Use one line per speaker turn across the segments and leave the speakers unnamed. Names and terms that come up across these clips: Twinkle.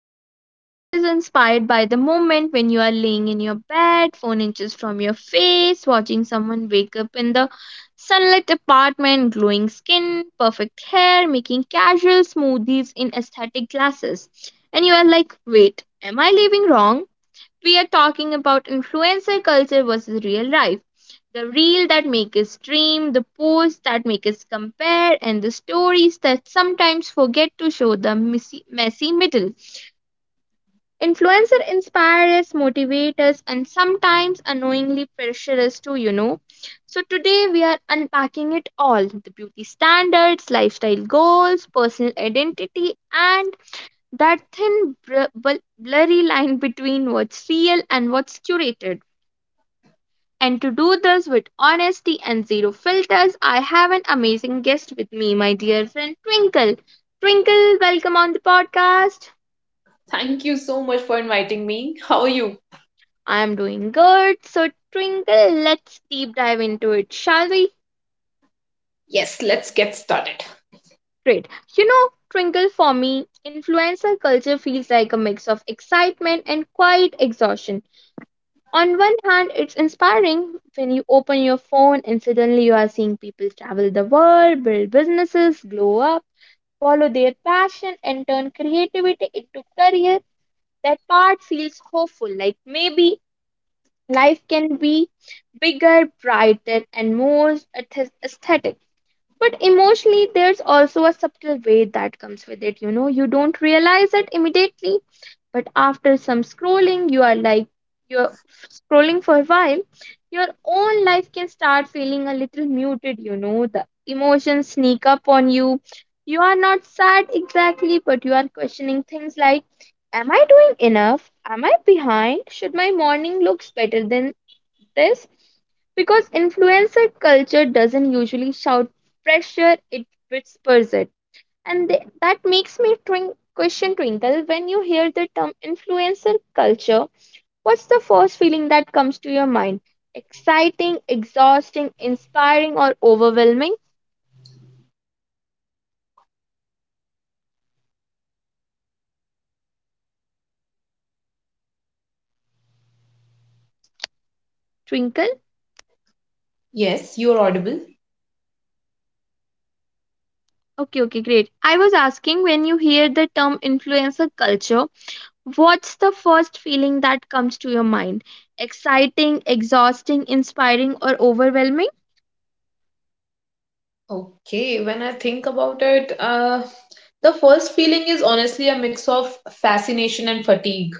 Today's episode is inspired by the moment when you are laying in your bed, phone inches from your face, watching someone wake up in the sunlit apartment, glowing skin, perfect hair, making casual smoothies in aesthetic glasses. And you are like, wait, am I living wrong? We are talking about influencer culture versus real life. The reel that make us dream, the posts that make us compare, and the stories that sometimes forget to show the messy, messy middle. Influencer inspire us, motivate us, and sometimes annoyingly pressure us too. So today we are unpacking it all the beauty standards, lifestyle goals, personal identity, and that thin blurry line between what's real and what's curated. And to do this with honesty and zero filters, I have an amazing guest with me, my dear friend Twinkle. Twinkle, welcome on the podcast.
Thank you so much for inviting me. How are you?
I am doing good. So, Twinkle, let's deep dive into it, shall we?
Yes, let's get started.
Great. Twinkle, for me, influencer culture feels like a mix of excitement and quiet exhaustion. On one hand, it's inspiring when you open your phone and suddenly you are seeing people travel the world, build businesses, glow up, follow their passion, and turn creativity into career. That part feels hopeful, like maybe life can be bigger, brighter, and more aesthetic. But emotionally there's also a subtle weight that comes with it. You don't realize it immediately, but after some scrolling you are like you're scrolling for a while, your own life can start feeling a little muted. The emotions sneak up on you. You are not sad exactly, but you are questioning things like, am I doing enough? Am I behind? Should my morning looks better than this? Because influencer culture doesn't usually shout pressure, it whispers it. And that makes me question Twinkle, when you hear the term influencer culture, what's the first feeling that comes to your mind? Exciting, exhausting, inspiring, or overwhelming? Twinkle?
Yes, you're audible.
Okay, okay, great. I was asking when you hear the term influencer culture, what's the first feeling that comes to your mind? Exciting, exhausting, inspiring, or overwhelming?
Okay, when I think about it, the first feeling is honestly a mix of fascination and fatigue.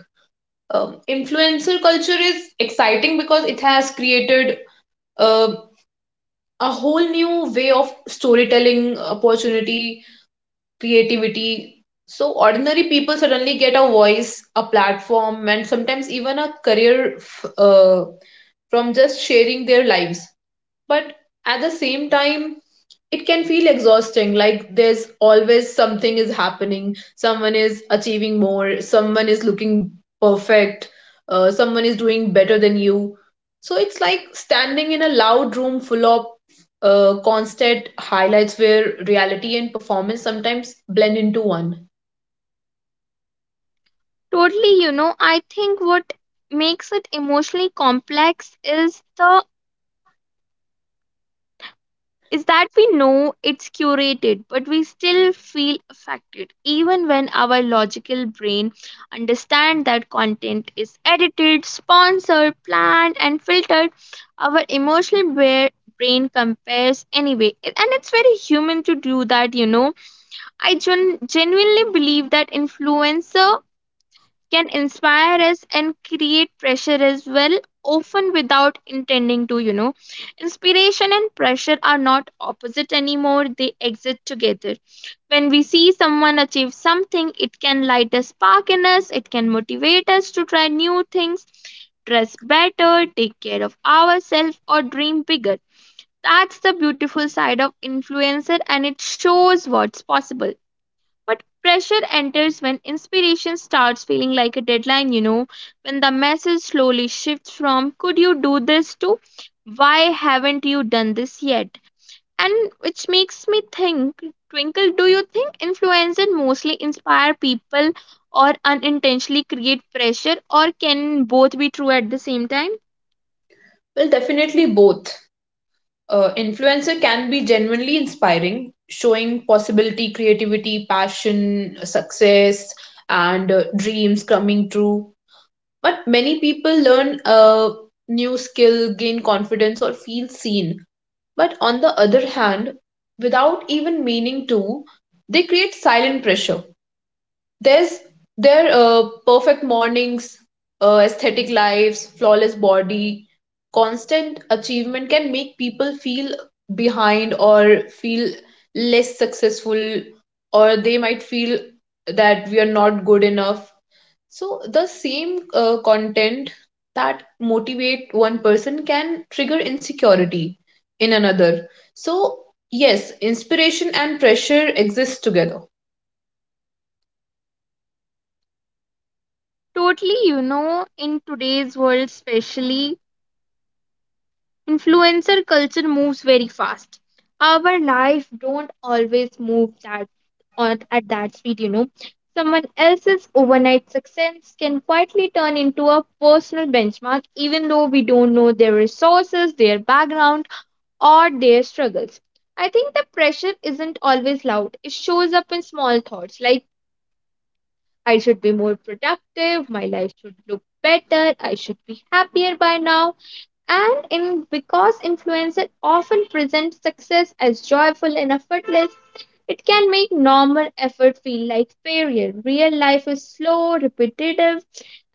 Influencer culture is exciting because it has created uh, a whole new way of storytelling, opportunity, creativity. So, ordinary people suddenly get a voice, a platform, and sometimes even a career from just sharing their lives. But at the same time, it can feel exhausting. Like there's always something is happening. Someone is achieving more. Someone is looking perfect. Someone is doing better than you. So it's like standing in a loud room full of constant highlights where reality and performance sometimes blend into one.
Totally, I think what makes it emotionally complex is that we know it's curated, but we still feel affected, even when our logical brain understands that content is edited, sponsored, planned, and filtered. Our emotional brain compares anyway, and it's very human to do that. I genuinely believe that influencer can inspire us and create pressure as well, often without intending to. Inspiration and pressure are not opposite anymore, they exist together. When we see someone achieve something, it can light a spark in us, it can motivate us to try new things, dress better, take care of ourselves, or dream bigger. That's the beautiful side of influencer, and it shows what's possible. But pressure enters when inspiration starts feeling like a deadline, when the message slowly shifts from could you do this to why haven't you done this yet? And which makes me think, Twinkle, do you think influencers mostly inspire people or unintentionally create pressure, or can both be true at the same time?
Well, definitely both. Influencer can be genuinely inspiring, showing possibility, creativity, passion, success, and dreams coming true. But many people learn a new skill, gain confidence, or feel seen. But on the other hand, without even meaning to, they create silent pressure there's their perfect mornings, aesthetic lives, flawless body, constant achievement can make people feel behind or feel less successful, or they might feel that we are not good enough. So the same content that motivate one person can trigger insecurity in another. So yes, inspiration and pressure exist together.
Totally, in today's world, especially influencer culture moves very fast. Our life don't always move that on at that speed. Someone else's overnight success can quietly turn into a personal benchmark, even though we don't know their resources, their background, or their struggles. I think the pressure isn't always loud, it shows up in small thoughts like, I should be more productive, my life should look better, I should be happier by now. And in because influencer often present success as joyful and effortless, it can make normal effort feel like failure. Real life is slow, repetitive,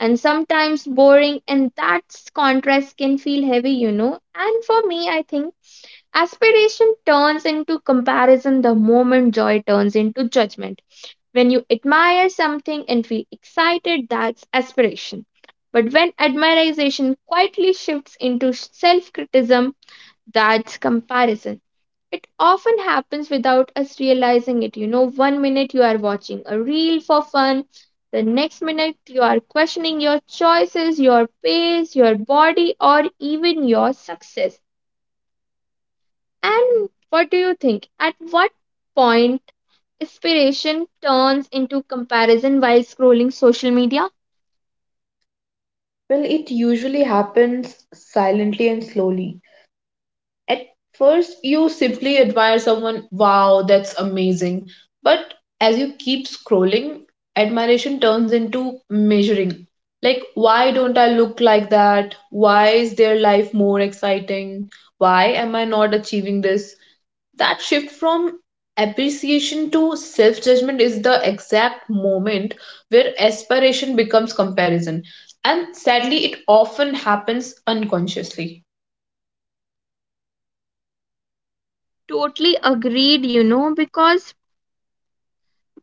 and sometimes boring, and that contrast can feel heavy. And for me, I think aspiration turns into comparison the moment joy turns into judgment. When you admire something and feel excited, that's aspiration. But when admiration quietly shifts into self criticism, that's comparison. It often happens without us realizing it. One minute you are watching a reel for fun, the next minute you are questioning your choices, your pace, your body, or even your success. And what do you think? At what point inspiration turns into comparison while scrolling social media?
Well, it usually happens silently and slowly. At first, you simply admire someone, wow, that's amazing. But as you keep scrolling, admiration turns into measuring. Like, why don't I look like that? Why is their life more exciting? Why am I not achieving this? That shift from appreciation to self judgment is the exact moment where aspiration becomes comparison. And sadly, it often happens unconsciously.
Totally agreed, because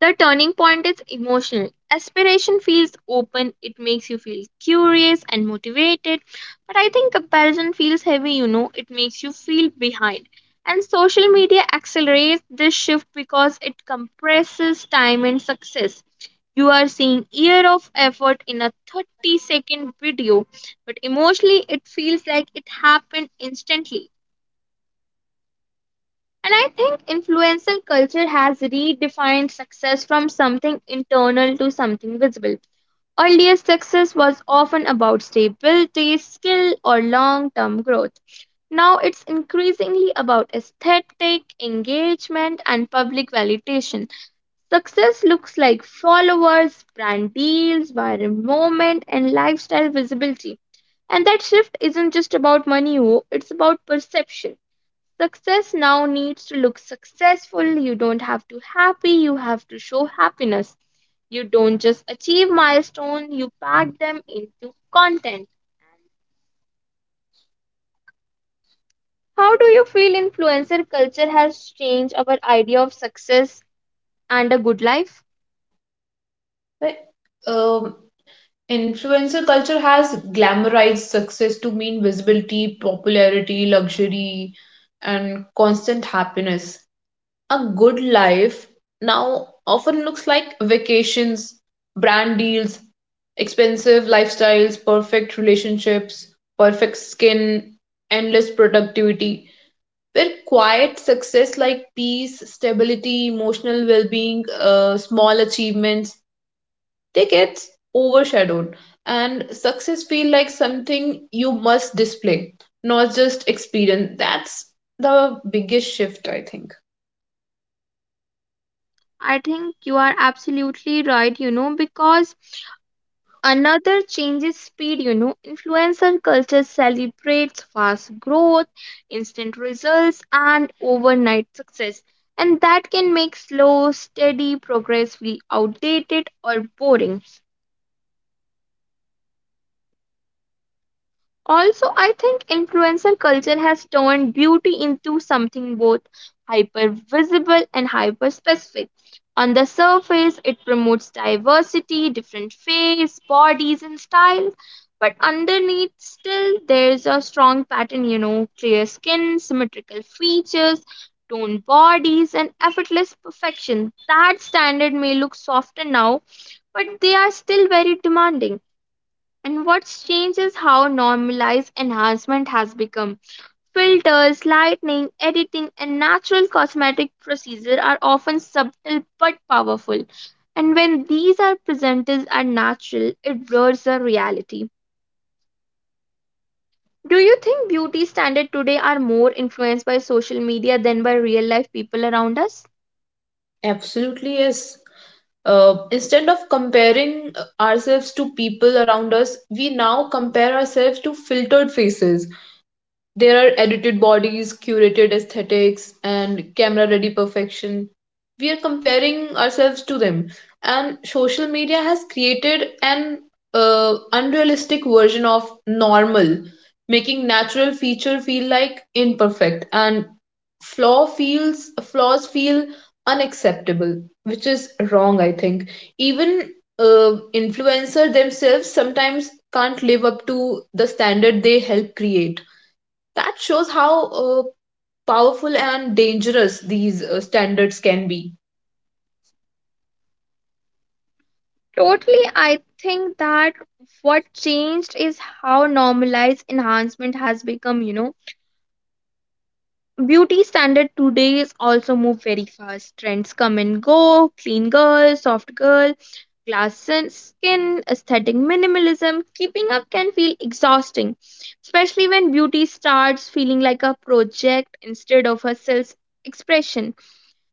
the turning point is emotional. Aspiration feels open, it makes you feel curious and motivated. But I think comparison feels heavy, it makes you feel behind. And social media accelerates this shift because it compresses time and success. You are seeing year of effort in a 30-second video, but emotionally it feels like it happened instantly. And I think influential culture has redefined success from something internal to something visible. Earlier, success was often about stability, skill, or long term growth. Now it's increasingly about aesthetic, engagement, and public validation. Success looks like followers, brand deals, viral moment, and lifestyle visibility. And that shift isn't just about money, oh, it's about perception. Success now needs to look successful. You don't have to happy, you have to show happiness. You don't just achieve milestone, you pack them into content. How do you feel influencer culture has changed our idea of success and a good life?
Like, um, Influencer culture has glamorized success to mean visibility, popularity, luxury, and constant happiness. A good life now often looks like vacations, brand deals, expensive lifestyles, perfect relationships, perfect skin, endless productivity. Where quiet success like peace, stability, emotional well being, small achievements, they get overshadowed. And success feel like something you must display, not just experience. That's the biggest shift, I think.
I think you are absolutely right, because another change is speed. Influencer culture celebrates fast growth, instant results, and overnight success. And that can make slow, steady progress feel outdated or boring. Also, I think influencer culture has turned beauty into something both hyper visible and hyper specific. On the surface, it promotes diversity, different face, bodies, and styles. But underneath, still, there's a strong pattern, clear skin, symmetrical features, toned bodies, and effortless perfection. That standard may look softer now, but they are still very demanding. And what's changed is how normalized enhancement has become. Filters, lightning, editing, and natural cosmetic procedures are often subtle but powerful. And when these are presented as natural, it blurs the reality. Do you think beauty standards today are more influenced by social media than by real life people around us?
Absolutely, yes. Instead of comparing ourselves to people around us, we now compare ourselves to filtered faces, there are edited bodies, curated aesthetics, and camera ready perfection. We are comparing ourselves to them, and social media has created an unrealistic version of normal, making natural feature feel like imperfect and flaw feels flaws feel unacceptable, which is wrong, I think. Even uh, influencer themselves sometimes can't live up to the standard they help create. That shows how powerful and dangerous these standards can be.
Totally, I think that what changed is how normalized enhancement has become. Beauty standard today is also move very fast. Trends come and go. Clean girl, soft girl, glass skin, aesthetic minimalism. Keeping up can feel exhausting, especially when beauty starts feeling like a project instead of a self expression.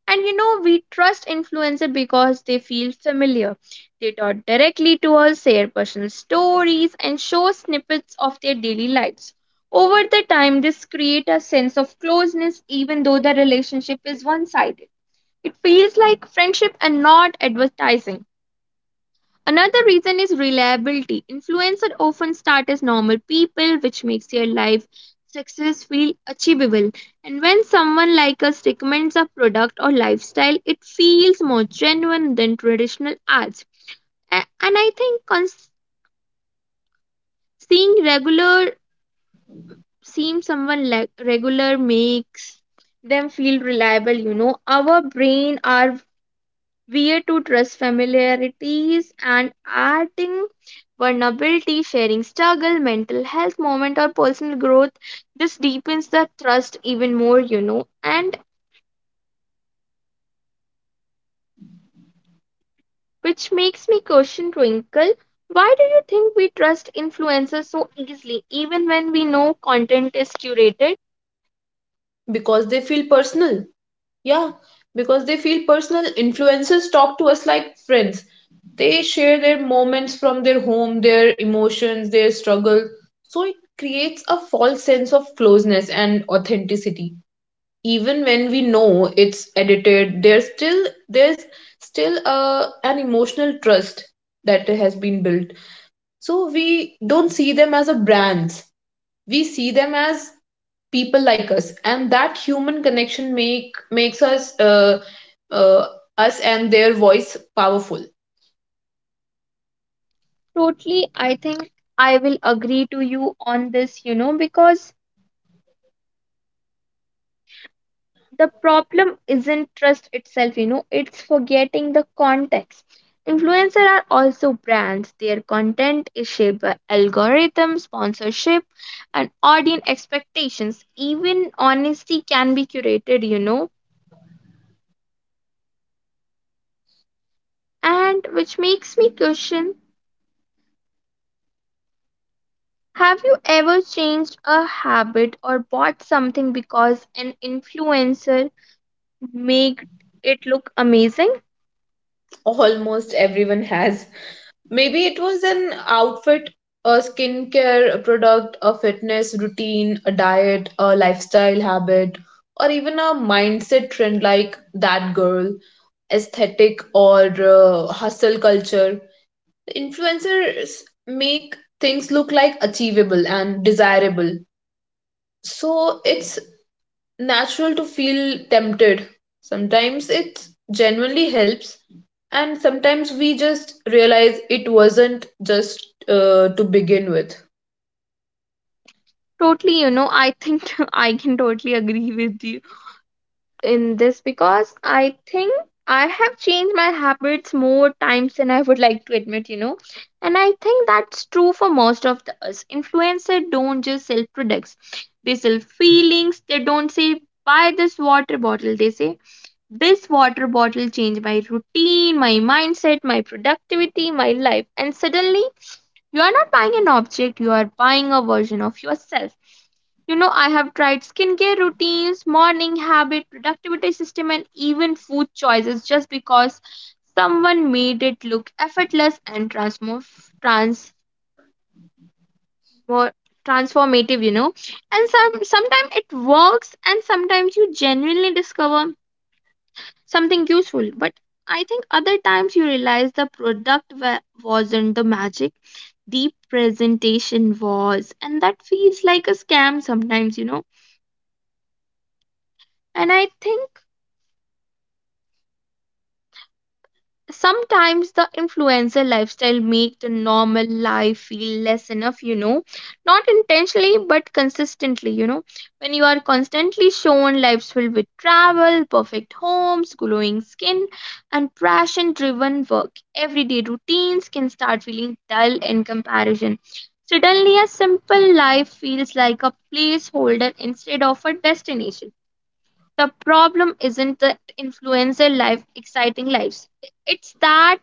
And we trust influencers because they feel familiar. They talk directly to us, share personal stories, and show snippets of their daily lives. Over the time, this creates a sense of closeness, even though the relationship is one sided. It feels like friendship and not advertising. Another reason is reliability. Influencers often start as normal people, which makes their life success feel achievable. And when someone like us recommends a product or lifestyle, it feels more genuine than traditional ads. And I think seeing regular, seeing someone like regular makes them feel reliable. Our brain, our where to trust familiarities and adding vulnerability, sharing struggle, mental health moment or personal growth. This deepens the trust even more, and which makes me question Twinkle. Why do you think we trust influencers so easily, even when we know content is curated?
Because they feel personal. Yeah, because they feel personal. Influencers talk to us like friends. They share their moments from their home, their emotions, their struggle. So it creates a false sense of closeness and authenticity. Even when we know it's edited, there's still a, an emotional trust that has been built. So we don't see them as a brands. We see them as people like us, and that human connection makes us uh, us and their voice powerful.
Totally, I think I will agree to you on this, because the problem isn't trust itself. It's forgetting the context. Influencers are also brands, their content is shaped by algorithms, sponsorship, and audience expectations. Even honesty can be curated. And which makes me question, have you ever changed a habit or bought something because an influencer made it look amazing?
Almost everyone has. Maybe it was an outfit, a skincare a product, a fitness routine, a diet, a lifestyle habit, or even a mindset trend like that girl aesthetic or hustle culture. Influencers make things look like achievable and desirable, so it's natural to feel tempted. Sometimes it genuinely helps, and sometimes we just realize it wasn't just to begin with.
Totally, I think I can totally agree with you in this because I think I have changed my habits more times than I would like to admit. And I think that's true for most of the us. Influencers don't just sell products, they sell feelings. They don't say, buy this water bottle. They say, this water bottle changed my routine, my mindset, my productivity, my life. And suddenly you are not buying an object, you are buying a version of yourself. I have tried skincare routines, morning habit, productivity system, and even food choices just because someone made it look effortless and transfor transformative. And sometimes it works, and sometimes you genuinely discover something useful. But I think other times you realize the product wasn't the magic, the presentation was, and that feels like a scam sometimes. And I think sometimes the influencer lifestyle make the normal life feel less enough, not intentionally but consistently. When you are constantly shown lives filled with travel, perfect homes, glowing skin, and passion driven work, everyday routines can start feeling dull in comparison. Suddenly a simple life feels like a placeholder instead of a destination. The problem isn't that influencer life exciting lives. It's that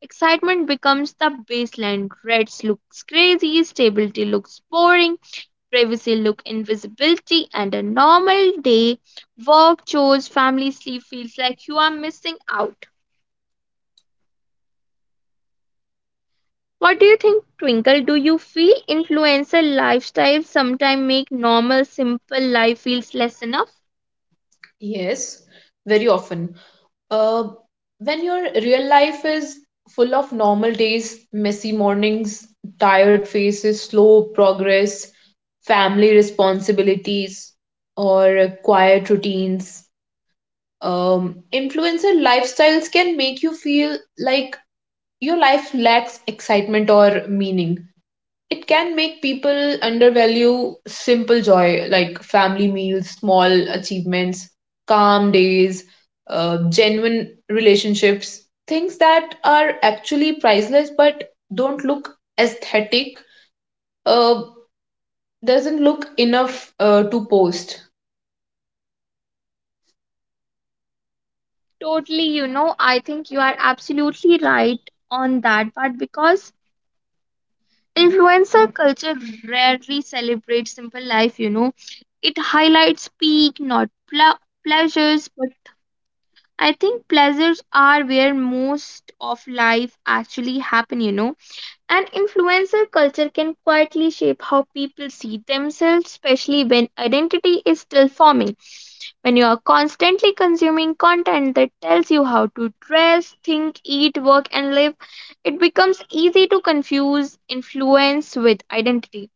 excitement becomes the baseline. Reds looks crazy, stability looks boring, privacy look invisibility, and a normal day, work, chores, family sleep feels like you are missing out. What do you think, Twinkle? Do you feel influencer lifestyles sometimes make normal, simple life feels less enough?
Yes, very often. Uh, when your real life is full of normal days, messy mornings, tired faces, slow progress, family responsibilities, or quiet routines, influencer lifestyles can make you feel like your life lacks excitement or meaning. It can make people undervalue simple joy like family meals, small achievements, calm days, genuine relationships, things that are actually priceless but don't look aesthetic, uh, doesn't look enough to post.
Totally, I think you are absolutely right on that part because influencer culture rarely celebrates simple life. It highlights peak, not pleasures, but I think pleasures are where most of life actually happen. And influencer culture can quietly shape how people see themselves, especially when identity is still forming. When you are constantly consuming content that tells you how to dress, think, eat, work, and live, it becomes easy to confuse influence with identity.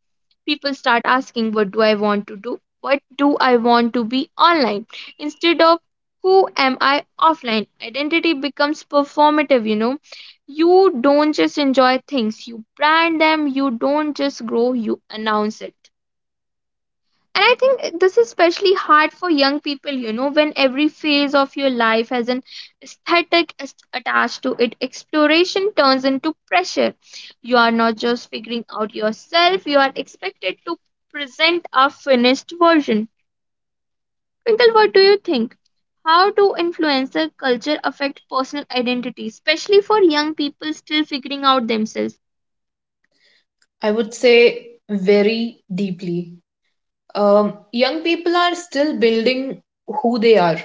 People start asking, what do I want to do? What do I want to be online? Instead of who am I offline? Identity becomes performative, you know. You don't just enjoy things, you brand them, you don't just grow, you announce it. And I think this is especially hard for young people, when every phase of your life has an aesthetic attached to it. Exploration turns into pressure. You are not just figuring out yourself, you are expected to present a finished version. Twinkle, what do you think? How do influencer culture affect personal identity, especially for young people still figuring out themselves?
I would say very deeply. Young people are still building who they are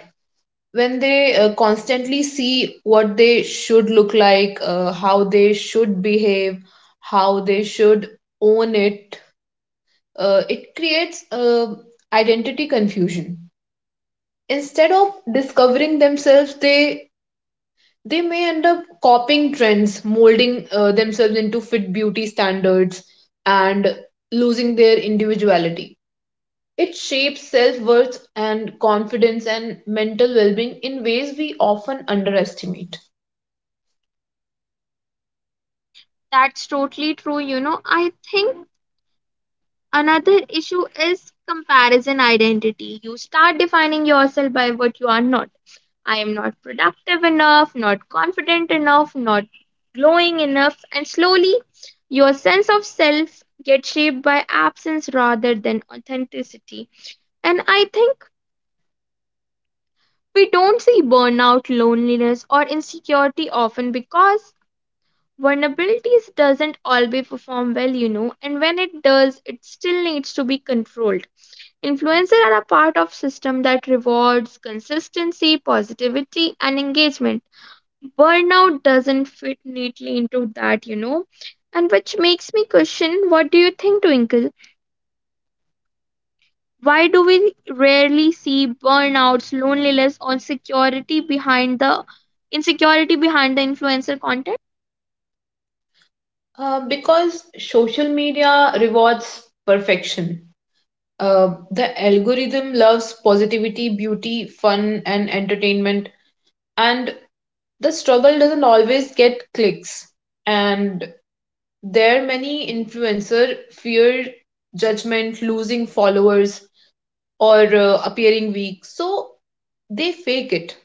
when they constantly see what they should look like, how they should behave, how they should own it, it creates identity confusion. Instead of discovering themselves, they may end up copying trends, molding themselves into fit beauty standards, and losing their individuality. It shapes self worth and confidence and mental well being in ways we often underestimate.
That's totally true. I think another issue is comparison identity. You start defining yourself by what you are not. I am not productive enough, not confident enough, not glowing enough, and slowly your sense of self gets shaped by absence rather than authenticity. And I think we don't see burnout, loneliness, or insecurity often because vulnerabilities doesn't always perform well, and when it does, it still needs to be controlled. Influencers are a part of system that rewards consistency, positivity and engagement. Burnout doesn't fit neatly into that. And which makes me question, what do you think, Twinkle? Why do we rarely see burnouts, loneliness or security behind the insecurity behind the influencer content?
Because social media rewards perfection. The algorithm loves positivity, beauty, fun, and entertainment, and the struggle doesn't always get clicks. And there, many influencer fear judgment, losing followers, or appearing weak, so they fake it.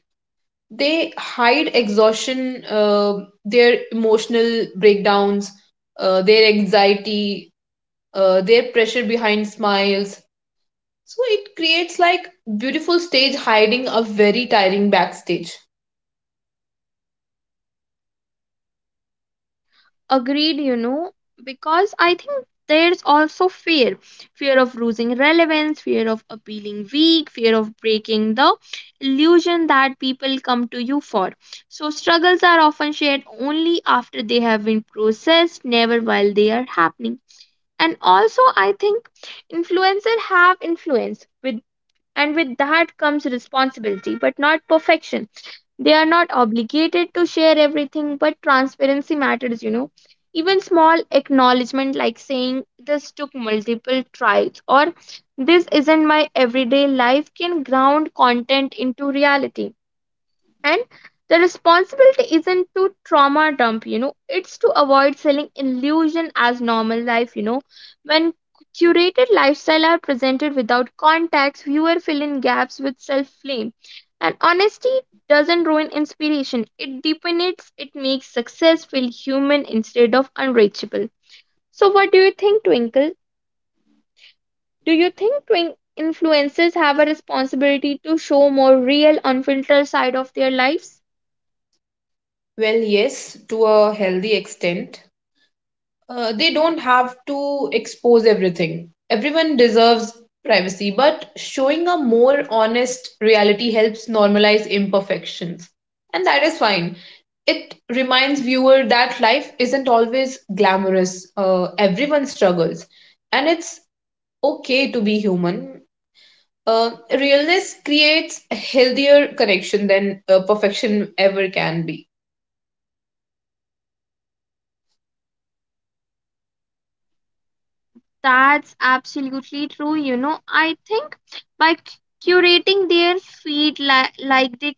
They hide exhaustion, their emotional breakdowns, their anxiety, their pressure behind smiles. So it creates like beautiful stage hiding a very tiring backstage.
Agreed, because I think there's also fear of losing relevance, fear of appealing weak, fear of breaking the illusion that people come to you for. So, struggles are often shared only after they have been processed, never while they are happening. And also, I think influencers have influence with and with that comes responsibility, but not perfection. They are not obligated to share everything, but transparency matters. Even small acknowledgement like saying this took multiple tries or this isn't my everyday life can ground content into reality, and the responsibility isn't to trauma dump, it's to avoid selling illusion as normal life. When curated lifestyle are presented without context, viewer fill in gaps with self flame, and honesty doesn't ruin inspiration, it deepens it, makes success feel human instead of unreachable. So what do you think, Twinkle? Do you think twin influencers have a responsibility to show more real unfiltered side of their lives?
Well, yes, to a healthy extent. They don't have to expose everything. Everyone deserves privacy, but showing a more honest reality helps normalize imperfections. And that is fine. It reminds viewer that life isn't always glamorous. Everyone struggles. And it's okay to be human. Realness creates a healthier connection than perfection ever can be.
That's absolutely true. I think by curating their feed, like they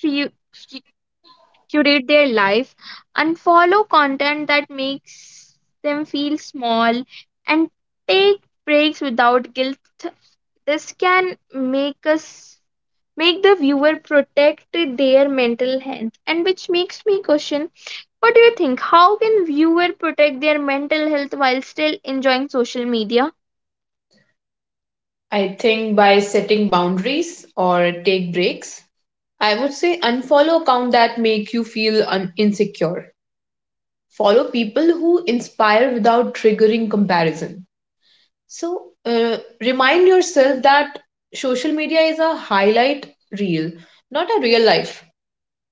cre- cu- curate their life and follow content that makes them feel small and take breaks without guilt, this can make the viewer protect their mental health. And which makes me question, what do you think? How can viewer protect their mental health while still enjoying social media?
I think by setting boundaries or take breaks, I would say unfollow account that make you feel insecure. Follow people who inspire without triggering comparison. So remind yourself that social media is a highlight reel, not a real life.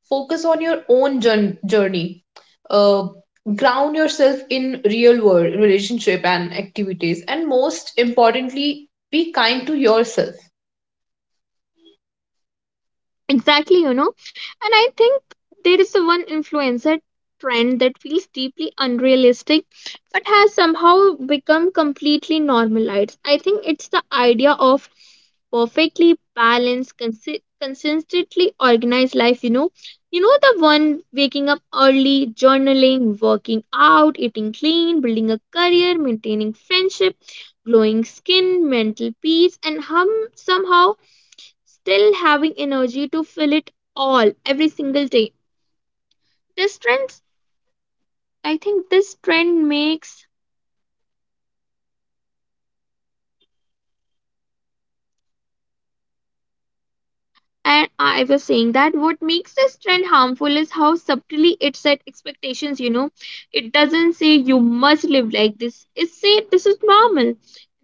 Focus on your own journey, uh, ground yourself in real world relationship and activities, and most importantly, be kind to yourself.
Exactly. And I think there is a one influencer trend that feels deeply unrealistic but has somehow become completely normalized. I think it's the idea of perfectly balanced, consistently organized life. You know, the one waking up early, journaling, working out, eating clean, building a career, maintaining friendship, glowing skin, mental peace, and somehow still having energy to fill it all every single day. This trend, I think this trend makes, and I was saying that what makes this trend harmful is how subtly it set expectations. It doesn't say you must live like this, it say this is normal.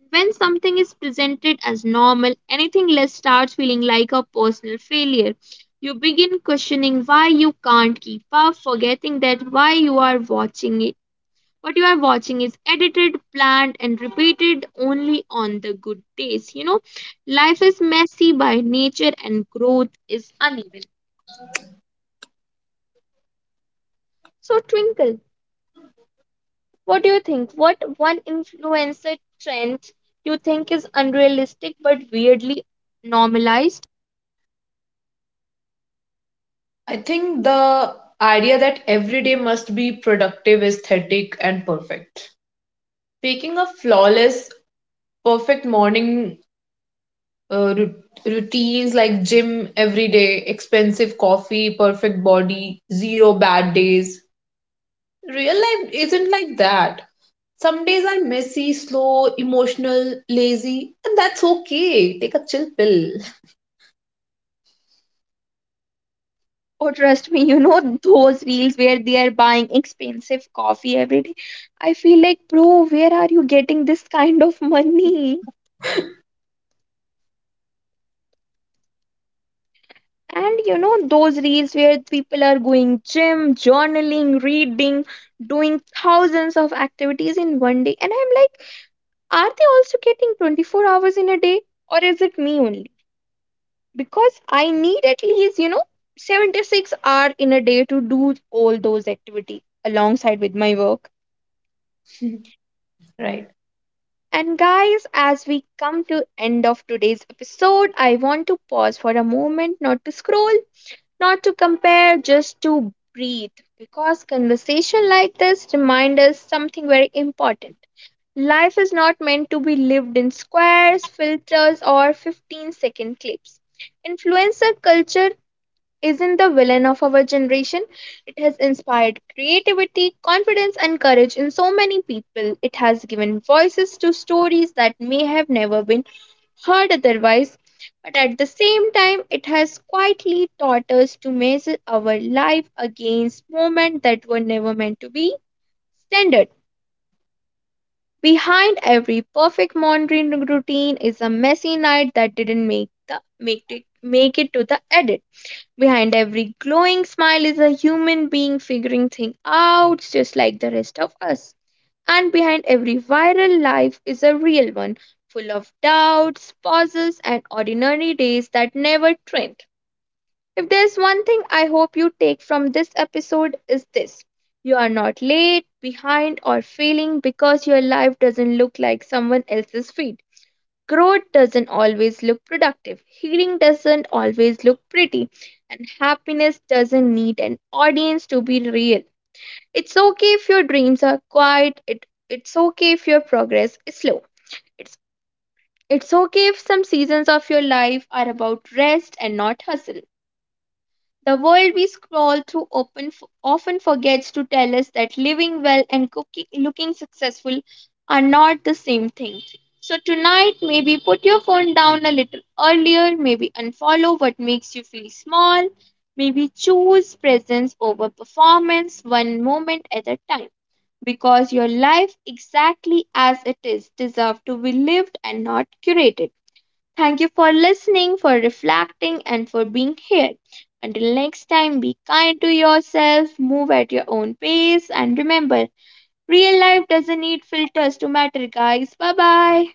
When something is presented as normal, anything less starts feeling like a personal failure. You begin questioning why you can't keep up, forgetting that why you are watching What you are watching is edited, planned, and repeated only on the good days. Life is messy by nature and growth is uneven. So, Twinkle, what do you think? What one influencer trend you think is unrealistic but weirdly normalized?
I think the idea that every day must be productive aesthetic and perfect. Speaking a flawless, perfect morning routines like gym every day, expensive coffee, perfect body, zero bad days. Real life isn't like that. Some days are messy, slow, emotional, lazy, and that's okay. Take a chill pill.
Oh, trust me, those reels where they are buying expensive coffee every day. I feel like, bro, where are you getting this kind of money? And you know those reels where people are going gym, journaling, reading, doing thousands of activities in one day. And I'm like, are they also getting 24 hours in a day, or is it me only? Because I need at least, 76 hour in a day to do all those activities alongside with my work.
Right.
And guys, as we come to end of today's episode, I want to pause for a moment, not to scroll, not to compare, just to breathe. Because conversation like this remind us something very important. Life is not meant to be lived in squares, filters, or 15-second clips. Influencer culture isn't the villain of our generation. It has inspired creativity, confidence, and courage in so many people. It has given voices to stories that may have never been hard otherwise. But at the same time, it has quietly taught us to measure our life against moments that were never meant to be standard. Behind every perfect morning routine is a messy night that didn't make it to the edit. Behind every glowing smile is a human being figuring things out just like the rest of us. And behind every viral life is a real one, full of doubts, pauses, and ordinary days that never trend. If there's one thing I hope you take from this episode is this. You are not late, behind, or failing because your life doesn't look like someone else's feed. Growth doesn't always look productive, healing doesn't always look pretty, and happiness doesn't need an audience to be real. It's okay if your dreams are quiet. It's okay if your progress is slow. It's it's okay if some seasons of your life are about rest and not hustle. The world we scroll through open often forgets to tell us that living well and cooking, looking successful are not the same thing. So tonight, maybe put your phone down a little earlier, maybe unfollow what makes you feel small, maybe choose presence over performance one moment at a time because your life exactly as it is deserves to be lived and not curated. Thank you for listening, for reflecting and for being here. Until next time, be kind to yourself, move at your own pace and remember, real life doesn't need filters to matter guys. Bye bye.